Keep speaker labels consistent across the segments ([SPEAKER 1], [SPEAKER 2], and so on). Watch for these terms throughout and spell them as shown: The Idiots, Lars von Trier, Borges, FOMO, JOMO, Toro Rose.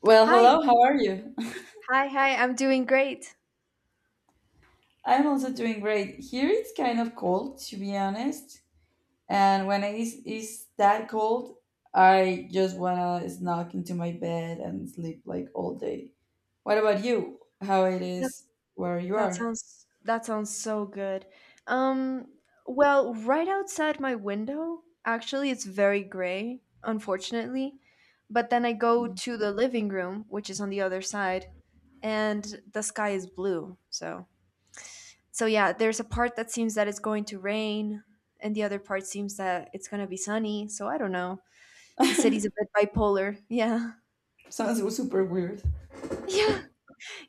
[SPEAKER 1] Well,
[SPEAKER 2] Hi,
[SPEAKER 1] hello, how are you?
[SPEAKER 2] hi, hi. I'm doing great.
[SPEAKER 1] I'm also doing great. Here it's kind of cold, to be honest. And when it is that cold, I just wanna snuggle into my bed and sleep like all day. What about you? How it
[SPEAKER 2] That
[SPEAKER 1] is where you
[SPEAKER 2] that
[SPEAKER 1] are?
[SPEAKER 2] sounds that sounds so good. Um, well, right outside my window, actually, it's very gray, unfortunately. But then I go to the living room, which is on the other side, and the sky is blue. So, yeah, there's a part that seems that it's going to rain, and the other part seems that it's going to be sunny. So I don't know. The city's a bit bipolar. Yeah.
[SPEAKER 1] Sounds super weird.
[SPEAKER 2] Yeah,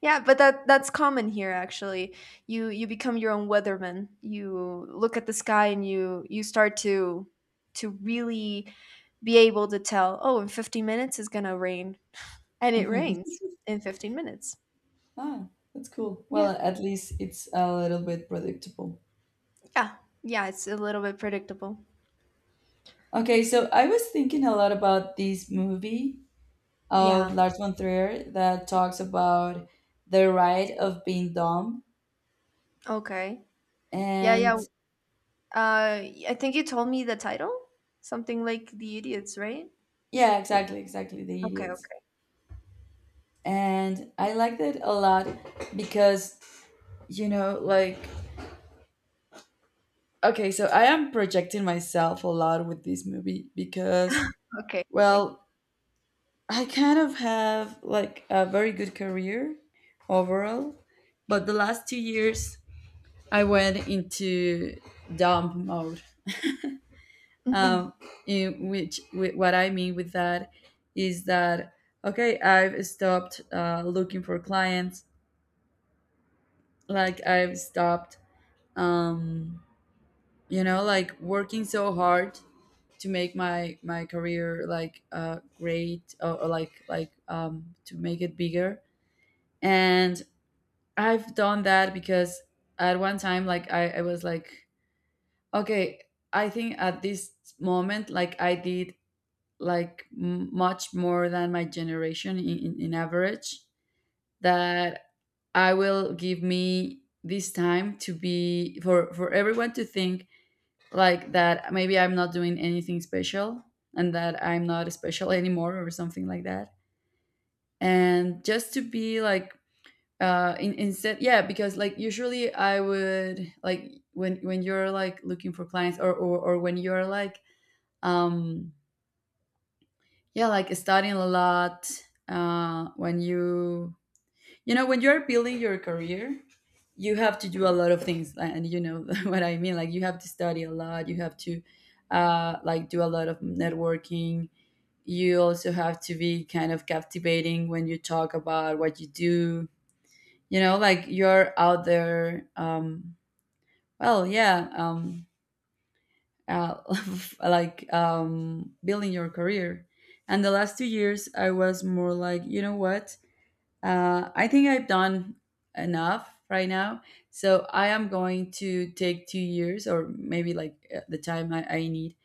[SPEAKER 2] yeah, but that's common here, actually. You become your own weatherman. You look at the sky and you start to really be able to tell, oh, in 15 minutes it's going to rain. And it
[SPEAKER 1] Hmm.
[SPEAKER 2] rains in 15 minutes.
[SPEAKER 1] Ah, that's cool. Well,
[SPEAKER 2] Yeah.
[SPEAKER 1] at least it's a little bit predictable.
[SPEAKER 2] Yeah. Yeah, it's a little bit predictable.
[SPEAKER 1] Okay, so I was thinking a lot about this movie of
[SPEAKER 2] Yeah.
[SPEAKER 1] Lars von Trier that talks about the right of being dumb.
[SPEAKER 2] Okay. Yeah, yeah.
[SPEAKER 1] And
[SPEAKER 2] Uh I think you told me the title. Something like The Idiots, right?
[SPEAKER 1] yeah, exactly, exactly, the
[SPEAKER 2] Okay,
[SPEAKER 1] idiots.
[SPEAKER 2] okay.
[SPEAKER 1] And I liked it a lot because, like, okay, so I am projecting myself a lot with this movie because,
[SPEAKER 2] Okay. Okay.
[SPEAKER 1] well, I kind of have like a very good career overall, but the last 2 years I went into dumb mode,
[SPEAKER 2] Hmm.
[SPEAKER 1] um, in which what I mean with that is that, okay, I've stopped looking for clients, like I've stopped, um, like, working so hard to make my career like great, or like, to make it bigger, and I've done that because at one time, like, I was like, okay, I think at this moment, like I did like much more than my generation in average, that I will give me this time to be, for everyone to think, like, that maybe I'm not doing anything special and that I'm not special anymore or something like that, and just to be like instead. Yeah, because like usually I would, like, when you're, like, looking for clients, or or when you're, like, um yeah, like, studying a lot. Uh, when you when you're building your career, you have to do a lot of things, and you know what I mean. Like, you have to study a lot. You have to like do a lot of networking. You also have to be kind of captivating when you talk about what you do. You know, like you're out there. Well, yeah. Uh, like building your career. And the last 2 years, I was more like, you know what? I think I've done enough right now. So I am going to take 2 years, or maybe like the time I need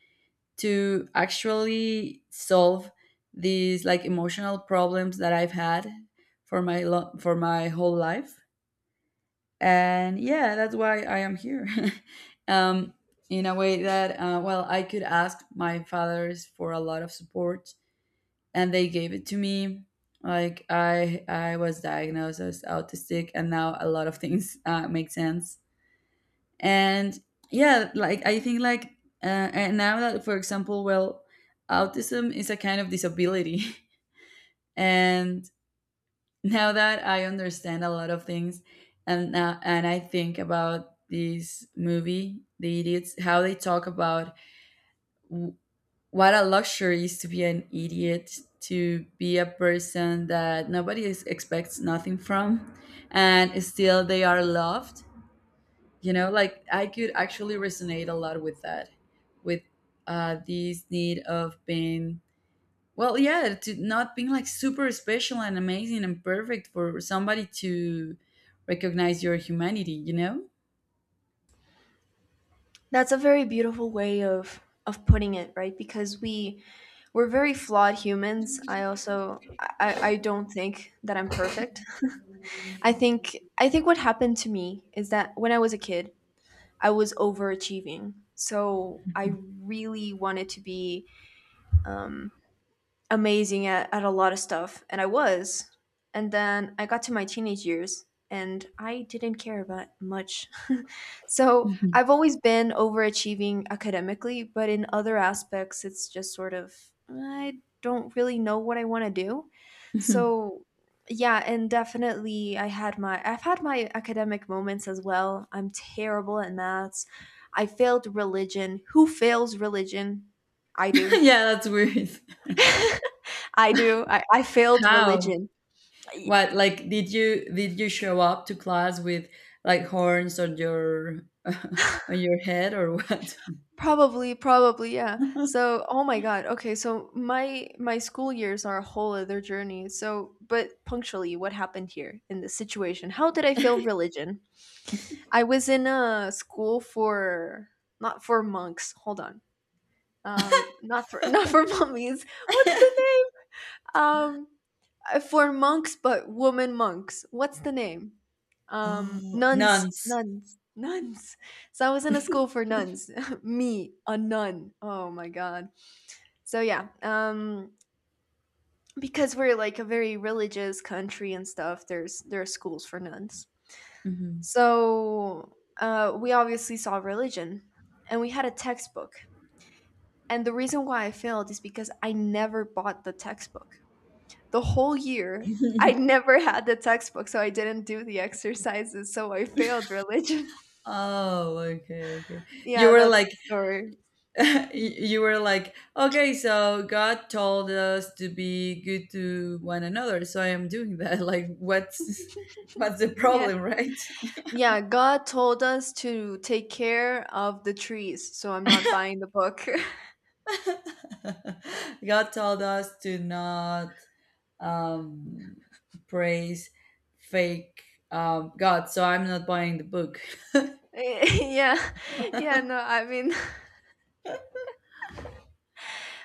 [SPEAKER 1] to actually solve these like emotional problems that I've had for my lo- for my whole life. And yeah, that's why I am here. um, in a way that well, I could ask my fathers for a lot of support, and they gave it to me. Like, I was diagnosed as autistic, and now a lot of things make sense. And yeah, like, I think like uh, and now that, for example, well, autism is a kind of disability, and now that I understand a lot of things, and I think about this movie, The Idiots, how they talk about w- what a luxury is to be an idiot, to be a person that nobody expects nothing from, and still they are loved. You know, like, I could actually resonate a lot with that, with this need of being, well, yeah, to not being like super special and amazing and perfect for somebody to recognize your humanity, you know?
[SPEAKER 2] That's a very beautiful way of putting it, right? Because we're very flawed humans. I don't think that I'm perfect. I think what happened to me is that when I was a kid, I was overachieving. So I really wanted to be um, amazing at a lot of stuff, and I was. And then I got to my teenage years and I didn't care about much. So I've always been overachieving academically, but in other aspects, it's just sort of, I don't really know what I want to do. So yeah, and definitely I've had my academic moments as well. I'm terrible at maths. I failed religion. Who fails religion? I do.
[SPEAKER 1] Yeah, that's weird.
[SPEAKER 2] I do. I failed
[SPEAKER 1] How?
[SPEAKER 2] religion. Y-
[SPEAKER 1] What, like, did you show up to class with like horns on your on your head or what?
[SPEAKER 2] Probably, probably, yeah. So, oh my God. Okay, so my school years are a whole other journey. So, but punctually, what happened here in this situation? How did I fail religion? I was in a school for, not for monks. Hold on. Not for not for mummies. What's the name? For monks, but woman monks. What's the name?
[SPEAKER 1] Oh,
[SPEAKER 2] Nuns,
[SPEAKER 1] nuns.
[SPEAKER 2] nuns, nuns. So I was in a school for nuns. Me, a nun. Oh my god. So yeah. Because we're like a very religious country and stuff. There are schools for nuns.
[SPEAKER 1] Mhm.
[SPEAKER 2] So we obviously saw religion, and we had a textbook. And the reason why I failed is because I never bought the textbook, the whole year. I never had the textbook, so I didn't do the exercises, so I failed religion.
[SPEAKER 1] Oh, okay, okay. You
[SPEAKER 2] Yeah,
[SPEAKER 1] were
[SPEAKER 2] that's
[SPEAKER 1] like
[SPEAKER 2] the story.
[SPEAKER 1] you were like, okay, so God told us to be good to one another, so I am doing that. Like, what's what's the
[SPEAKER 2] Yeah.
[SPEAKER 1] problem, right?
[SPEAKER 2] Yeah, God told us to take care of the trees, so I'm not buying the book.
[SPEAKER 1] God told us to not um, praise fake God, so I'm not buying the book.
[SPEAKER 2] Yeah. Yeah, no, I mean,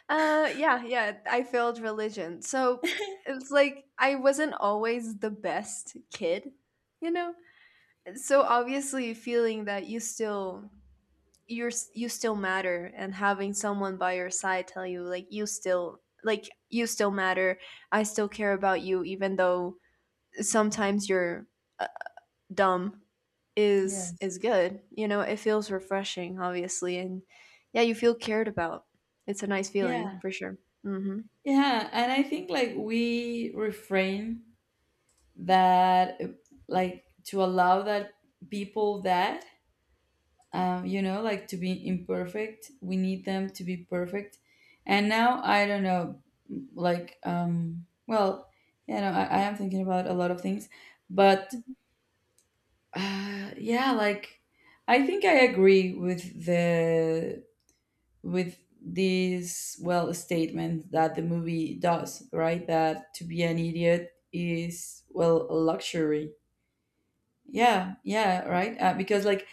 [SPEAKER 2] yeah, yeah, I failed religion. So it's like I wasn't always the best kid, you know? So obviously feeling that you still matter, and having someone by your side tell you, like you still matter, I still care about you even though sometimes you're uh, dumb is
[SPEAKER 1] Yes.
[SPEAKER 2] is good. You know, it feels refreshing, obviously. And yeah, you feel cared about. It's a nice feeling,
[SPEAKER 1] Yeah.
[SPEAKER 2] for sure. Mm-hmm.
[SPEAKER 1] Yeah. And I think like we refrain that, like, to allow that people that like, to be imperfect. We need them to be perfect. And now I don't know, like, well, you know, I am thinking about a lot of things, but yeah, like, I think I agree with this, well, statement that the movie does, right, that to be an idiot is, well, a luxury. Yeah, yeah, right. Because like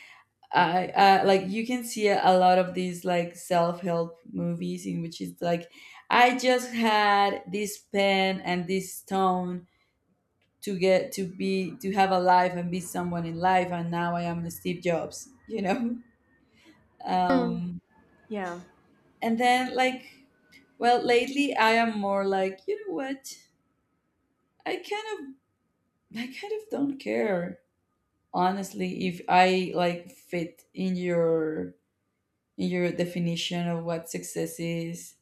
[SPEAKER 1] I, like, you can see a lot of these like self-help movies in which it's like I just had this pen and this stone to have a life and be someone in life, and now I am Steve Jobs, you know?
[SPEAKER 2] Mm,
[SPEAKER 1] Um
[SPEAKER 2] yeah.
[SPEAKER 1] and then like, well, lately I am more like, you know what? I kind of I kind of don't care, honestly, if I like fit in your, in your definition of what success is.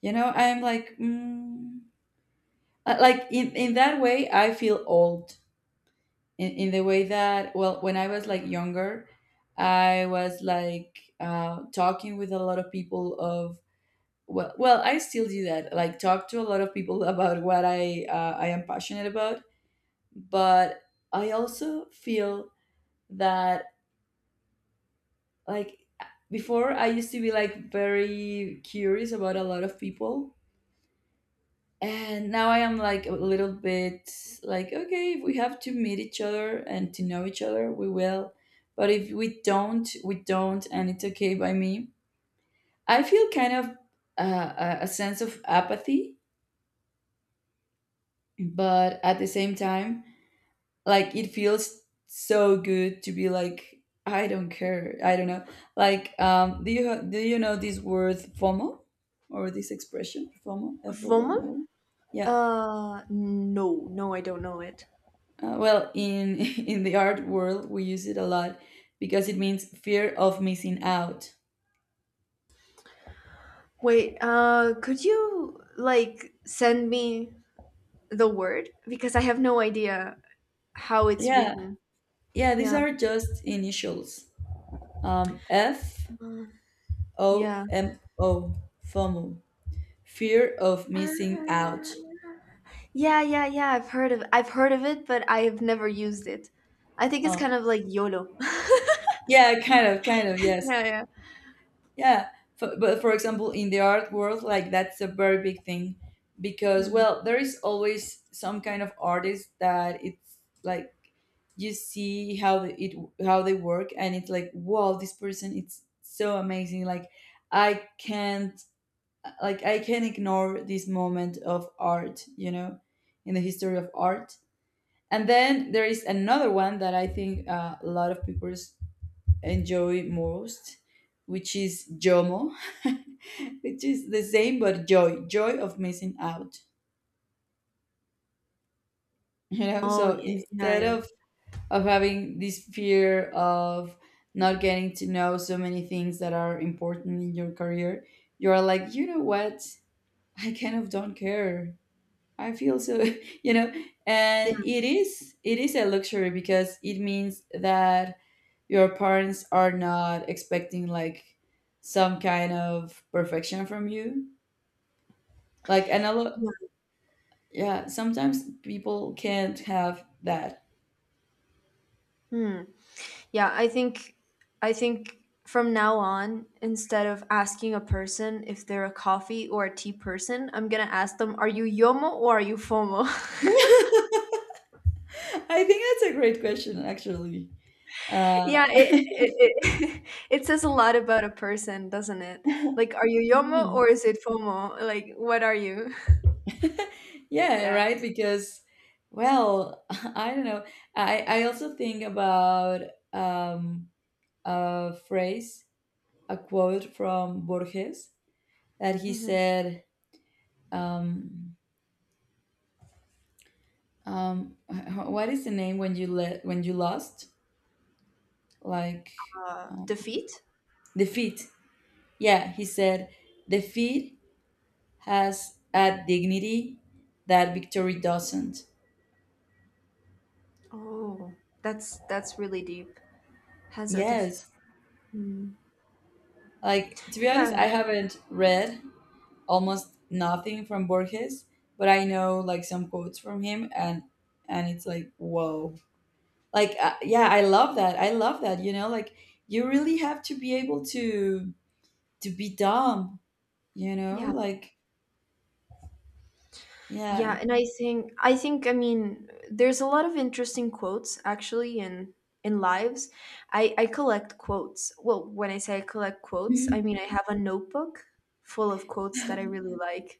[SPEAKER 1] You know, I'm like, like, in that way, I feel old. In the way that, well, when I was like younger, I was like talking with a lot of people of, well, I still do that. Like, talk to a lot of people about what I am passionate about. But I also feel that, like, before I used to be like very curious about a lot of people, and now I am like a little bit like, okay, if we have to meet each other and to know each other we will, but if we don't, we don't, and it's okay by me. I feel kind of a sense of apathy, but at the same time, like, it feels so good to be like, I don't care, I don't know, like, do you do you know this word FOMO, or this expression FOMO, F O
[SPEAKER 2] Voma?
[SPEAKER 1] M O? Yeah.
[SPEAKER 2] No, no, I don't know it.
[SPEAKER 1] Well, in in the art world, we use it a lot because it means fear of missing out.
[SPEAKER 2] Wait, could you like send me the word because I have no idea how it's
[SPEAKER 1] Yeah,
[SPEAKER 2] written.
[SPEAKER 1] yeah. These
[SPEAKER 2] Yeah.
[SPEAKER 1] are just initials. F
[SPEAKER 2] Mm,
[SPEAKER 1] O
[SPEAKER 2] yeah.
[SPEAKER 1] M O, FOMO, fear of missing
[SPEAKER 2] Ah.
[SPEAKER 1] out.
[SPEAKER 2] Yeah, yeah, yeah. I've heard of it, but I have never used it. I think it's
[SPEAKER 1] Oh,
[SPEAKER 2] kind of like YOLO.
[SPEAKER 1] yeah, kind of, kind of. Yes.
[SPEAKER 2] Yeah, yeah.
[SPEAKER 1] Yeah, but for example, in the art world, like, that's a very big thing, because,
[SPEAKER 2] Mm.
[SPEAKER 1] well, there is always some kind of artist that it's like you see how it, how they work, and it's like, wow, this person it's so amazing. Like, I can't, like I can ignore this moment of art, you know, in the history of art. And then there is another one that I think a lot of people enjoy most, which is JOMO, which is the same but joy, joy of missing out. You know,
[SPEAKER 2] Oh,
[SPEAKER 1] so
[SPEAKER 2] yeah, yeah,
[SPEAKER 1] instead
[SPEAKER 2] yeah.
[SPEAKER 1] of having this fear of not getting to know so many things that are important in your career, you are like, you know what? I kind of don't care. I feel so, you know,
[SPEAKER 2] Yeah,
[SPEAKER 1] and it is a luxury because it means that your parents are not expecting like some kind of perfection from you, like, and a lot,
[SPEAKER 2] yeah.
[SPEAKER 1] yeah, sometimes people can't have that.
[SPEAKER 2] Hmm. Yeah, I think from now on, instead of asking a person if they're a coffee or a tea person, I'm gonna ask them, are you YOMO or are you FOMO?
[SPEAKER 1] I think that's a great question, actually. uh
[SPEAKER 2] Yeah, it it says a lot about a person, doesn't it? Like, are you YOMO
[SPEAKER 1] Mhm.
[SPEAKER 2] or is it FOMO? Like, what are you?
[SPEAKER 1] Yeah,
[SPEAKER 2] Yeah.
[SPEAKER 1] right, because, well, I don't know, I also think about um a phrase, a quote from Borges that he
[SPEAKER 2] Mhm.
[SPEAKER 1] said, um what is the name when you lost, like, um,
[SPEAKER 2] Defeat.
[SPEAKER 1] defeat. Yeah, he said defeat has a dignity that victory doesn't.
[SPEAKER 2] Oh, that's really deep. Has a def.
[SPEAKER 1] Yes,
[SPEAKER 2] Mm.
[SPEAKER 1] like, to be honest,
[SPEAKER 2] Yeah,
[SPEAKER 1] I haven't read almost nothing from Borges, but I know like some quotes from him, and it's like, whoa, like, yeah, I love that, I love that. You know, like, you really have to be able to be dumb, you know,
[SPEAKER 2] yeah,
[SPEAKER 1] like, yeah.
[SPEAKER 2] yeah. And I think I mean, there's a lot of interesting quotes actually in lives. I collect quotes. Well, when I say I collect quotes, I mean I have a notebook full of quotes that I really like.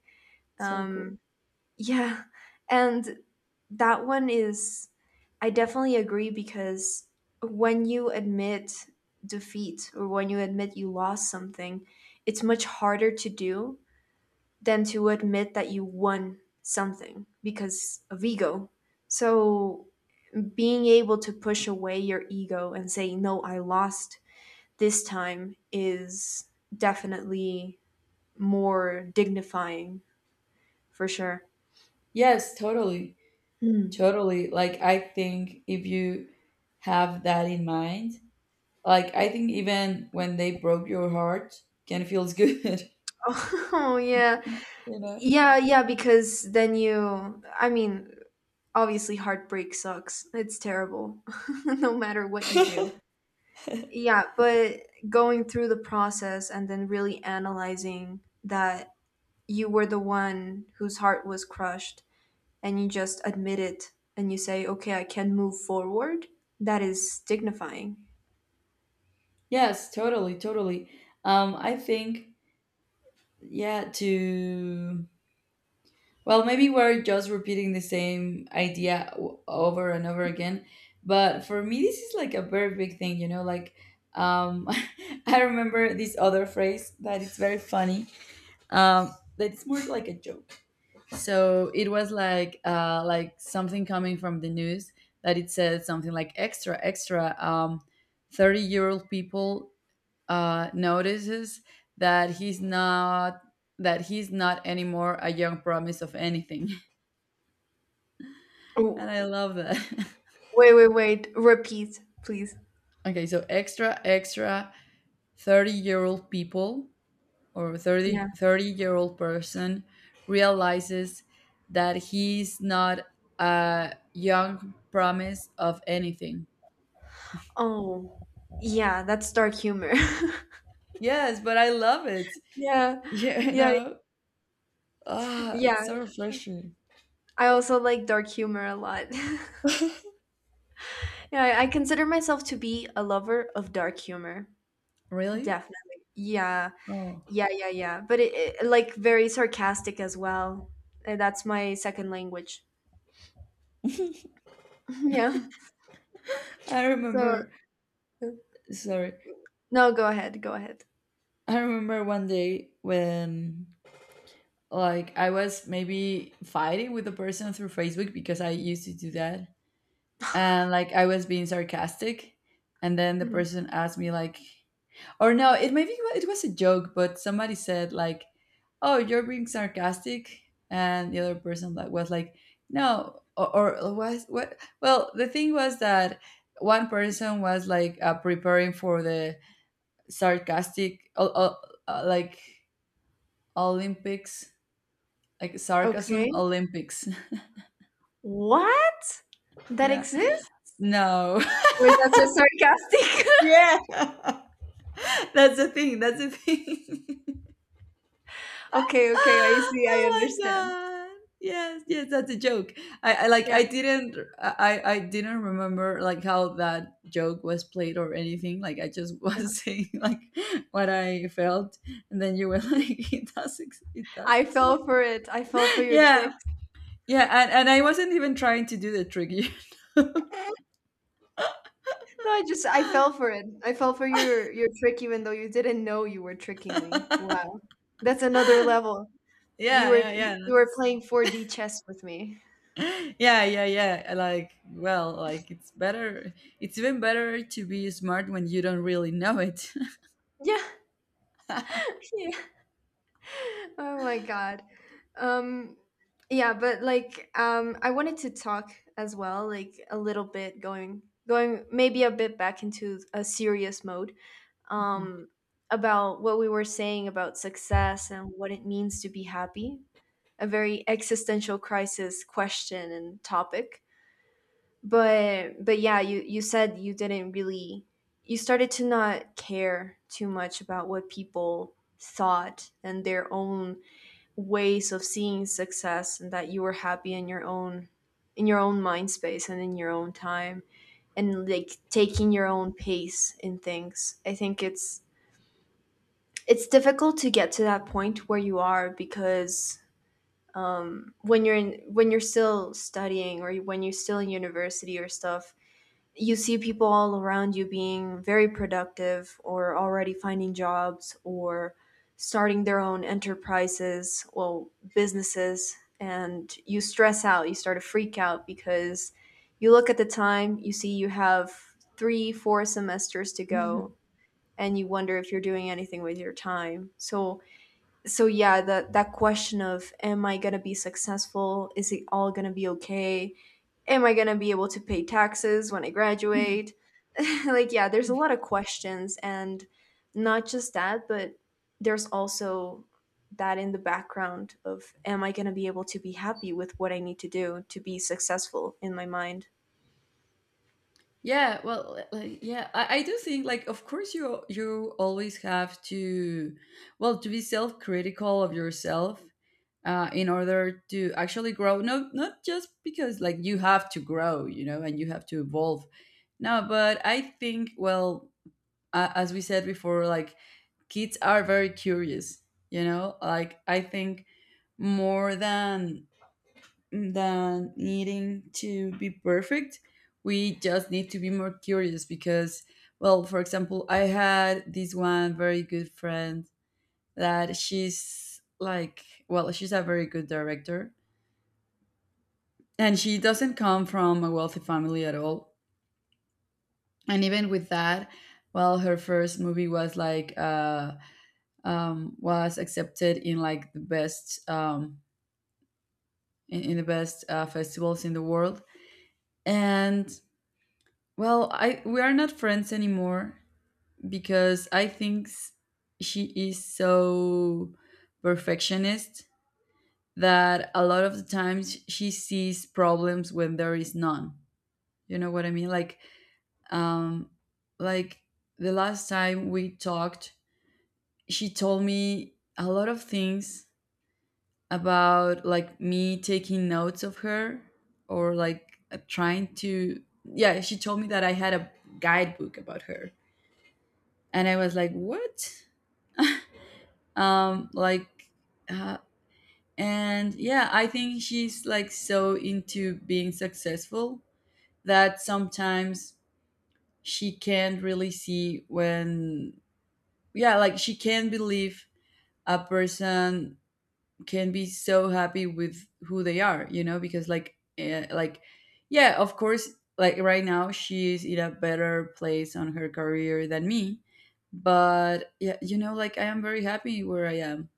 [SPEAKER 1] So cool.
[SPEAKER 2] Um, Yeah. And that one is, I definitely agree, because when you admit defeat or when you admit you lost something, it's much harder to do than to admit that you won something, because of ego. So being able to push away your ego and say, no, I lost this time, is definitely more dignifying, for sure.
[SPEAKER 1] Yes, totally.
[SPEAKER 2] Hmm.
[SPEAKER 1] Totally. Like, I think if you have that in mind, like, I think even when they broke your heart, can feels good,
[SPEAKER 2] Oh, yeah.
[SPEAKER 1] you know?
[SPEAKER 2] Yeah, yeah, because then you, I mean, obviously heartbreak sucks. It's terrible, no matter what you do. Yeah, but going through the process and then really analyzing that you were the one whose heart was crushed, and you just admit it and you say, okay, I can move forward, that is dignifying.
[SPEAKER 1] Yes, totally, totally. I think, yeah, to well, maybe we're just repeating the same idea over and over again. But for me, this is like a very big thing, you know. Like, um, I remember this other phrase that it's very funny. That it's more like a joke. So it was like something coming from the news that it said something like, extra, extra, 30-year-old people notices that he's not anymore a young promise of anything. And I
[SPEAKER 2] Oh,
[SPEAKER 1] love that.
[SPEAKER 2] wait, wait, wait. Repeat, please.
[SPEAKER 1] Okay, so extra, extra, 30-year-old people, or
[SPEAKER 2] Yeah.
[SPEAKER 1] 3030-year-old person, realizes that he's not a young promise of anything.
[SPEAKER 2] Oh, yeah, that's dark humor.
[SPEAKER 1] Yes, but I love it.
[SPEAKER 2] Yeah.
[SPEAKER 1] Yeah.
[SPEAKER 2] Yeah,
[SPEAKER 1] Ah, it's
[SPEAKER 2] yeah.
[SPEAKER 1] so refreshing.
[SPEAKER 2] I also like dark humor a lot. Yeah, I consider myself to be a lover of dark humor.
[SPEAKER 1] Really?
[SPEAKER 2] Definitely. Yeah.
[SPEAKER 1] Oh,
[SPEAKER 2] Yeah, yeah, yeah. But it like very sarcastic as well. That's my second language. Yeah.
[SPEAKER 1] I
[SPEAKER 2] So,
[SPEAKER 1] remember. Sorry,
[SPEAKER 2] no, go ahead. Go ahead.
[SPEAKER 1] I remember one day when, like, I was maybe fighting with a person through Facebook, because I used to do that. And like I was being sarcastic, and then the
[SPEAKER 2] Mhm.
[SPEAKER 1] person asked me like, or no, it maybe it was a joke, but somebody said like, "Oh, you're being sarcastic." And the other person like was like, "No." Or was what, well, the thing was that one person was like preparing for the sarcastic like Olympics, like sarcasm
[SPEAKER 2] Okay.
[SPEAKER 1] Olympics.
[SPEAKER 2] What? That
[SPEAKER 1] Yeah.
[SPEAKER 2] exists?
[SPEAKER 1] No.
[SPEAKER 2] Or is that just sarcastic?
[SPEAKER 1] Yeah. That's the thing. That's the thing.
[SPEAKER 2] Okay, okay. I see.
[SPEAKER 1] Oh
[SPEAKER 2] I
[SPEAKER 1] my
[SPEAKER 2] understand.
[SPEAKER 1] god. Yes, yes, that's a joke. I like
[SPEAKER 2] Yeah.
[SPEAKER 1] I didn't remember like how that joke was played or anything. Like I just was saying like what I felt, and then you were like it does it does
[SPEAKER 2] I
[SPEAKER 1] exist.
[SPEAKER 2] fell for it. I fell for your trick.
[SPEAKER 1] Yeah. Yeah, and I wasn't even trying to do the trick.
[SPEAKER 2] No, I fell for it. I fell for your trick even though you didn't know you were tricking me. Wow. That's another level. You
[SPEAKER 1] Yeah,
[SPEAKER 2] were
[SPEAKER 1] yeah,
[SPEAKER 2] you,
[SPEAKER 1] yeah.
[SPEAKER 2] you were playing 4D chess with me.
[SPEAKER 1] Yeah, yeah, yeah, like well, like it's better, it's even better to be smart when you don't really know it.
[SPEAKER 2] Yeah. Yeah. Oh my God. Um yeah, but like I wanted to talk as well, like, a little bit going maybe a bit back into a serious mode.
[SPEAKER 1] Mhm.
[SPEAKER 2] Um about what we were saying about success and what it means to be happy, a very existential crisis question and topic. But yeah, you said you didn't really you started to not care too much about what people thought and their own ways of seeing success, and that you were happy in your own, mind space, and in your own time, and, like, taking your own pace in things. I think it's difficult to get to that point where you are, because when you're still studying, or when you're still in university or stuff, you see people all around you being very productive or already finding jobs or starting their own enterprises, well, businesses, and you stress out, you start to freak out, because you look at the time, you see you have three four semesters to go,
[SPEAKER 1] Mhm.
[SPEAKER 2] and you wonder if you're doing anything with your time. So yeah, that question of, am I going to be successful, is it all going to be okay, am I going to be able to pay taxes when I graduate, like, yeah, there's a lot of questions. And not just that, but there's also that in the background of, am I going to be able to be happy with what I need to do to be successful in my mind.
[SPEAKER 1] Yeah, well, like, yeah, I do think like of course you you always have to, well, to be self-critical of yourself, in order to actually grow, no, not just because like you have to grow, you know, and you have to evolve. No, but I think, well, as we said before, like kids are very curious, you know, like I think more than needing to be perfect, we just need to be more curious. Because, well, for example, I had this one very good friend that she's like, well, she's a very good director, and she doesn't come from a wealthy family at all. And even with that, well, her first movie was like was accepted in like the best, in the best festivals in the world. And well, I we are not friends anymore because I think she is so perfectionist that a lot of the times she sees problems when there is none. You know what I mean? Um like the last time we talked, she told me a lot of things about like me taking notes of her, or like trying to, yeah, she told me that I had a guidebook about her, and I was like what, like uh, and yeah, I think she's like so into being successful that sometimes she can't really see when, yeah, like she can't believe a person can be so happy with who they are, you know, because like like, yeah, of course, like right now she's in a better place on her career than me. But yeah, you know, like I am very happy where I am.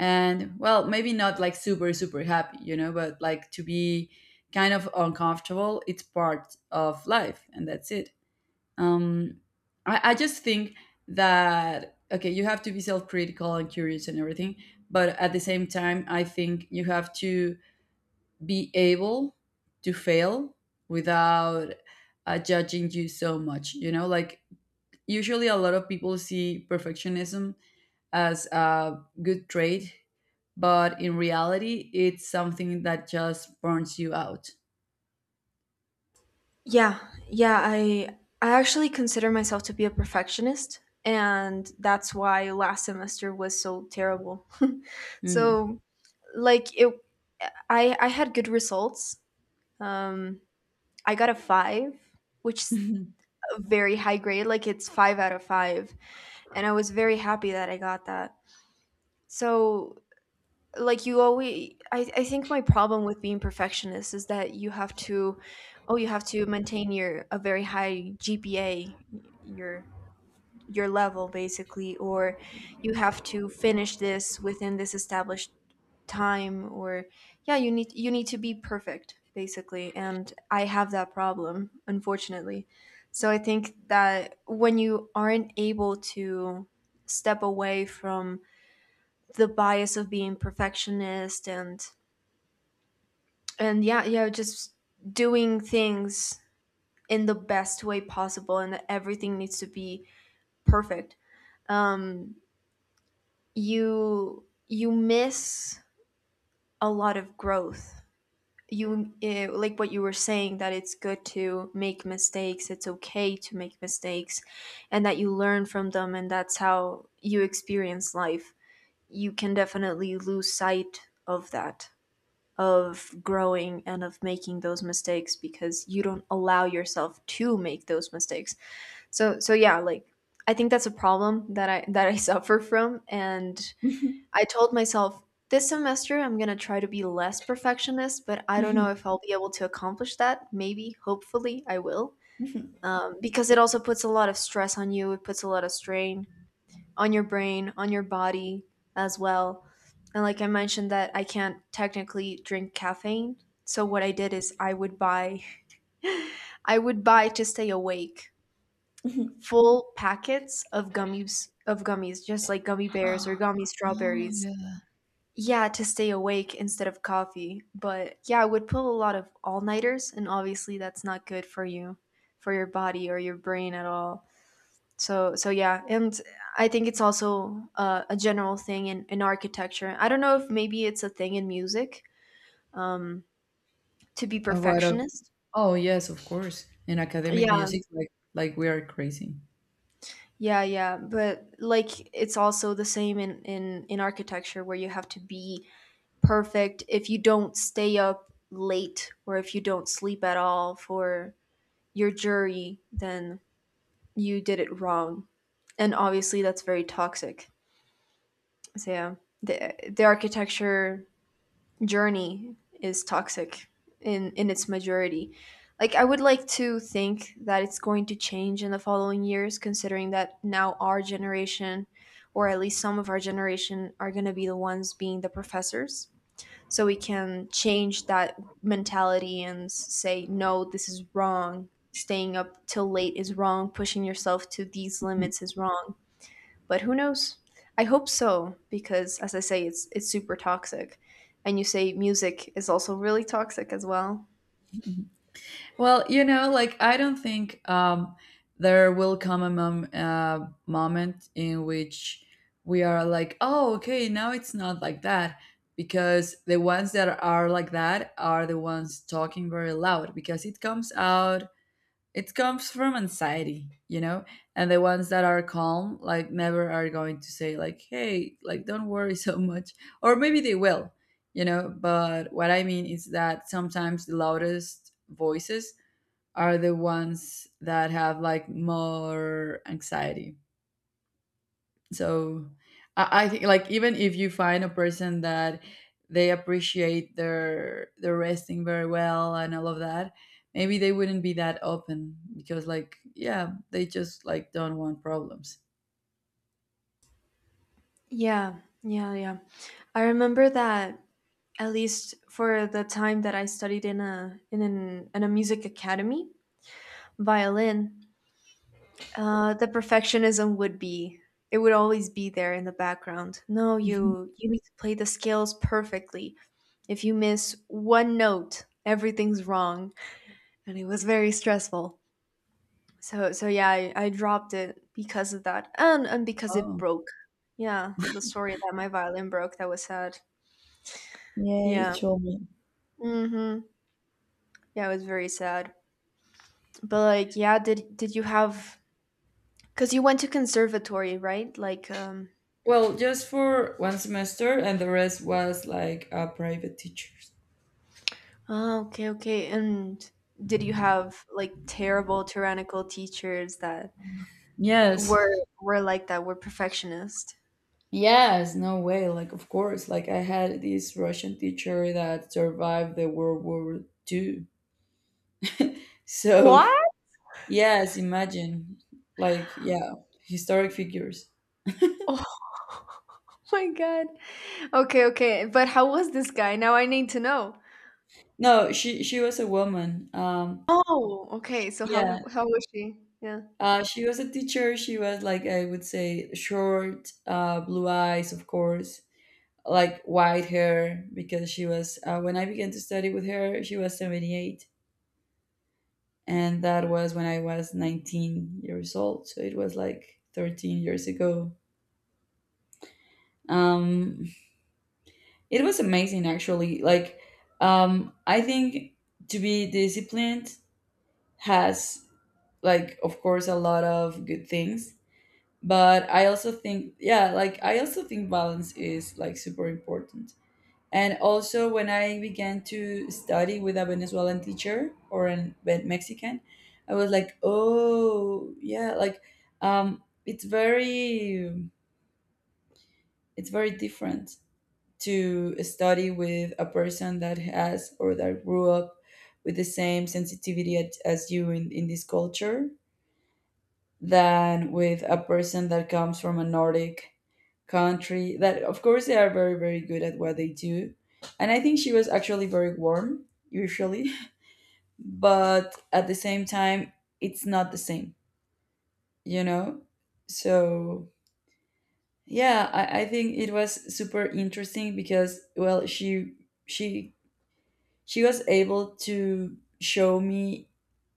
[SPEAKER 1] And well, maybe not like super super happy, you know, but like to be kind of uncomfortable, it's part of life, and that's it. um I just think that, okay, you have to be self-critical and curious and everything, but at the same time I think you have to be able to fail without judging you so much, you know, like usually a lot of people see perfectionism as a good trait, but in reality it's something that just burns you out.
[SPEAKER 2] Yeah, yeah, I actually consider myself to be a perfectionist, and that's why last semester was so terrible.
[SPEAKER 1] Mm.
[SPEAKER 2] So, like, it I had good results. Um I got a 5, which is a very high grade, like it's 5 out of 5, and I was very happy that I got that. So, like, you always, I think my problem with being perfectionist is that you have to maintain your a very high GPA, your your level, basically, or you have to finish this within this established time, or, yeah, you need to be perfect, basically, and I have that problem, unfortunately. So I think that when you aren't able to step away from the bias of being perfectionist, and yeah, yeah, just doing things in the best way possible, and that everything needs to be perfect, um you miss a lot of growth. You like what you were saying, that it's good to make mistakes, it's okay to make mistakes, and that you learn from them, and that's how you experience life. You can definitely lose sight of that, of growing and of making those mistakes, because you don't allow yourself to make those mistakes. So yeah, like, I think that's a problem that I suffer from. And I told myself, this semester I'm going to try to be less perfectionist, but I don't know if I'll be able to accomplish that. Maybe hopefully I will. Because it also puts a lot of stress on you, it puts a lot of strain on your brain, on your body as well. And like I mentioned, that I can't technically drink caffeine. So what I did is I would buy I would buy, to stay awake, full packets of gummies, just like gummy bears or gummy
[SPEAKER 1] Oh,
[SPEAKER 2] strawberries.
[SPEAKER 1] yeah.
[SPEAKER 2] Yeah, to stay awake instead of coffee. But yeah, I would pull a lot of all-nighters, and obviously that's not good for you, for your body or your brain at all. So yeah, and I think it's also a general thing in architecture. I don't know if maybe it's a thing in music, um, to be
[SPEAKER 1] What a
[SPEAKER 2] perfectionist.
[SPEAKER 1] Oh yes, of course. In academic
[SPEAKER 2] Yeah,
[SPEAKER 1] music, like we are crazy.
[SPEAKER 2] yeah, yeah, but like it's also the same in architecture, where you have to be perfect. If you don't stay up late or if you don't sleep at all for your jury, then you did it wrong, and obviously that's very toxic. So yeah, the architecture journey is toxic in its majority. Like, I would like to think that it's going to change in the following years, considering that now our generation, or at least some of our generation, are going to be the ones being the professors. So we can change that mentality and say, no, this is wrong. Staying up till late is wrong. Pushing yourself to these limits is wrong. But who knows? I hope so, because, as I say, it's super toxic, and you say music is also really toxic as well.
[SPEAKER 1] Mhm. Well, you know, like I don't think there will come a moment in which we are like, oh, okay, now it's not like that. Because the ones that are like that are the ones talking very loud, because it comes out, it comes from anxiety, you know. And the ones that are calm like never are going to say like, hey, like don't worry so much, or maybe they will, you know. But what I mean is that sometimes the loudest voices are the ones that have like more anxiety. So I think like even if you find a person that they appreciate their resting very well and all of that, maybe they wouldn't be that open because like, yeah, they just like don't want problems.
[SPEAKER 2] Yeah, yeah, yeah. I remember that at least for the time that I studied in a music academy, violin, the perfectionism would always be there in the background. No,
[SPEAKER 1] Mhm.
[SPEAKER 2] you need to play the scales perfectly. If you miss one note, everything's wrong, and it was very stressful. So yeah, I dropped it because of that, and because it
[SPEAKER 1] Oh.
[SPEAKER 2] broke. Yeah, the story that my violin broke, that was sad.
[SPEAKER 1] Yeah, you
[SPEAKER 2] Yeah.
[SPEAKER 1] told me.
[SPEAKER 2] Mm-hmm. Yeah, it was very sad. But, like, yeah, did you have? Because you went to conservatory, right? Like.
[SPEAKER 1] Well, just for one semester, and the rest was like private teachers.
[SPEAKER 2] Oh, okay, okay. And did you have like terrible, tyrannical teachers that
[SPEAKER 1] Yes.
[SPEAKER 2] were were like that? Were perfectionist?
[SPEAKER 1] Yes, no way, like of course, like I had this Russian teacher that survived the World War Two. So
[SPEAKER 2] What?
[SPEAKER 1] Yes, imagine. Like, yeah, historic figures.
[SPEAKER 2] Oh my god. Okay, okay. But how was this guy? Now I need to know.
[SPEAKER 1] No, she was a woman.
[SPEAKER 2] Oh, okay. So
[SPEAKER 1] Yeah,
[SPEAKER 2] how was she? Yeah.
[SPEAKER 1] she was a teacher. She was like, I would say, short, blue eyes, of course, like white hair, because she was when I began to study with her, she was 78, and that was when I was 19 years old. So it was like 13 years ago. Um, It was amazing, actually. Like I think to be disciplined has like of course a lot of good things, but I also think, yeah, like I also think balance is like super important. And also when I began to study with a Venezuelan teacher or an Mexican, I was like, "Oh, yeah, like it's very, it's very different to study with a person that has or that grew up with the same sensitivity as you in this culture than with a person that comes from a Nordic country, that of course they are very very good at what they do. And I think she was actually very warm, usually, but at the same time it's not the same, you know. So yeah, I think it was super interesting, because well, she she was able to show me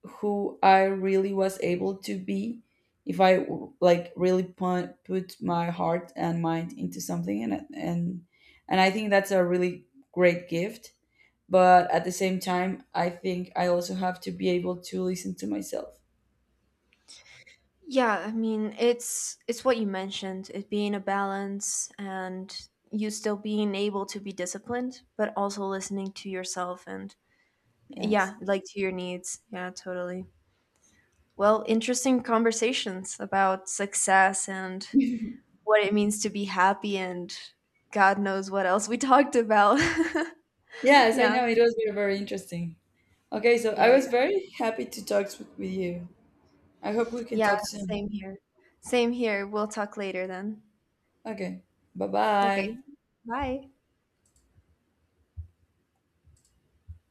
[SPEAKER 1] who I really was able to be if I like really put my heart and mind into something, and I think that's a really great gift. But at the same time I think I also have to be able to listen to myself.
[SPEAKER 2] Yeah, I mean, it's what you mentioned, it being a balance, and you still being able to be disciplined, but also listening to yourself and,
[SPEAKER 1] Yes.
[SPEAKER 2] yeah, like, to your needs. Yeah, totally. Well, interesting conversations about success and what it means to be happy, and God knows what else we talked about.
[SPEAKER 1] Yes, I
[SPEAKER 2] Yeah.
[SPEAKER 1] know, it was very very interesting. Okay, so I
[SPEAKER 2] Yeah,
[SPEAKER 1] was
[SPEAKER 2] yeah.
[SPEAKER 1] very happy to talk with you. I hope we can
[SPEAKER 2] Yeah,
[SPEAKER 1] talk soon.
[SPEAKER 2] same here. Same here. We'll talk later then.
[SPEAKER 1] Okay. bye
[SPEAKER 2] Okay.
[SPEAKER 1] bye
[SPEAKER 2] Bye.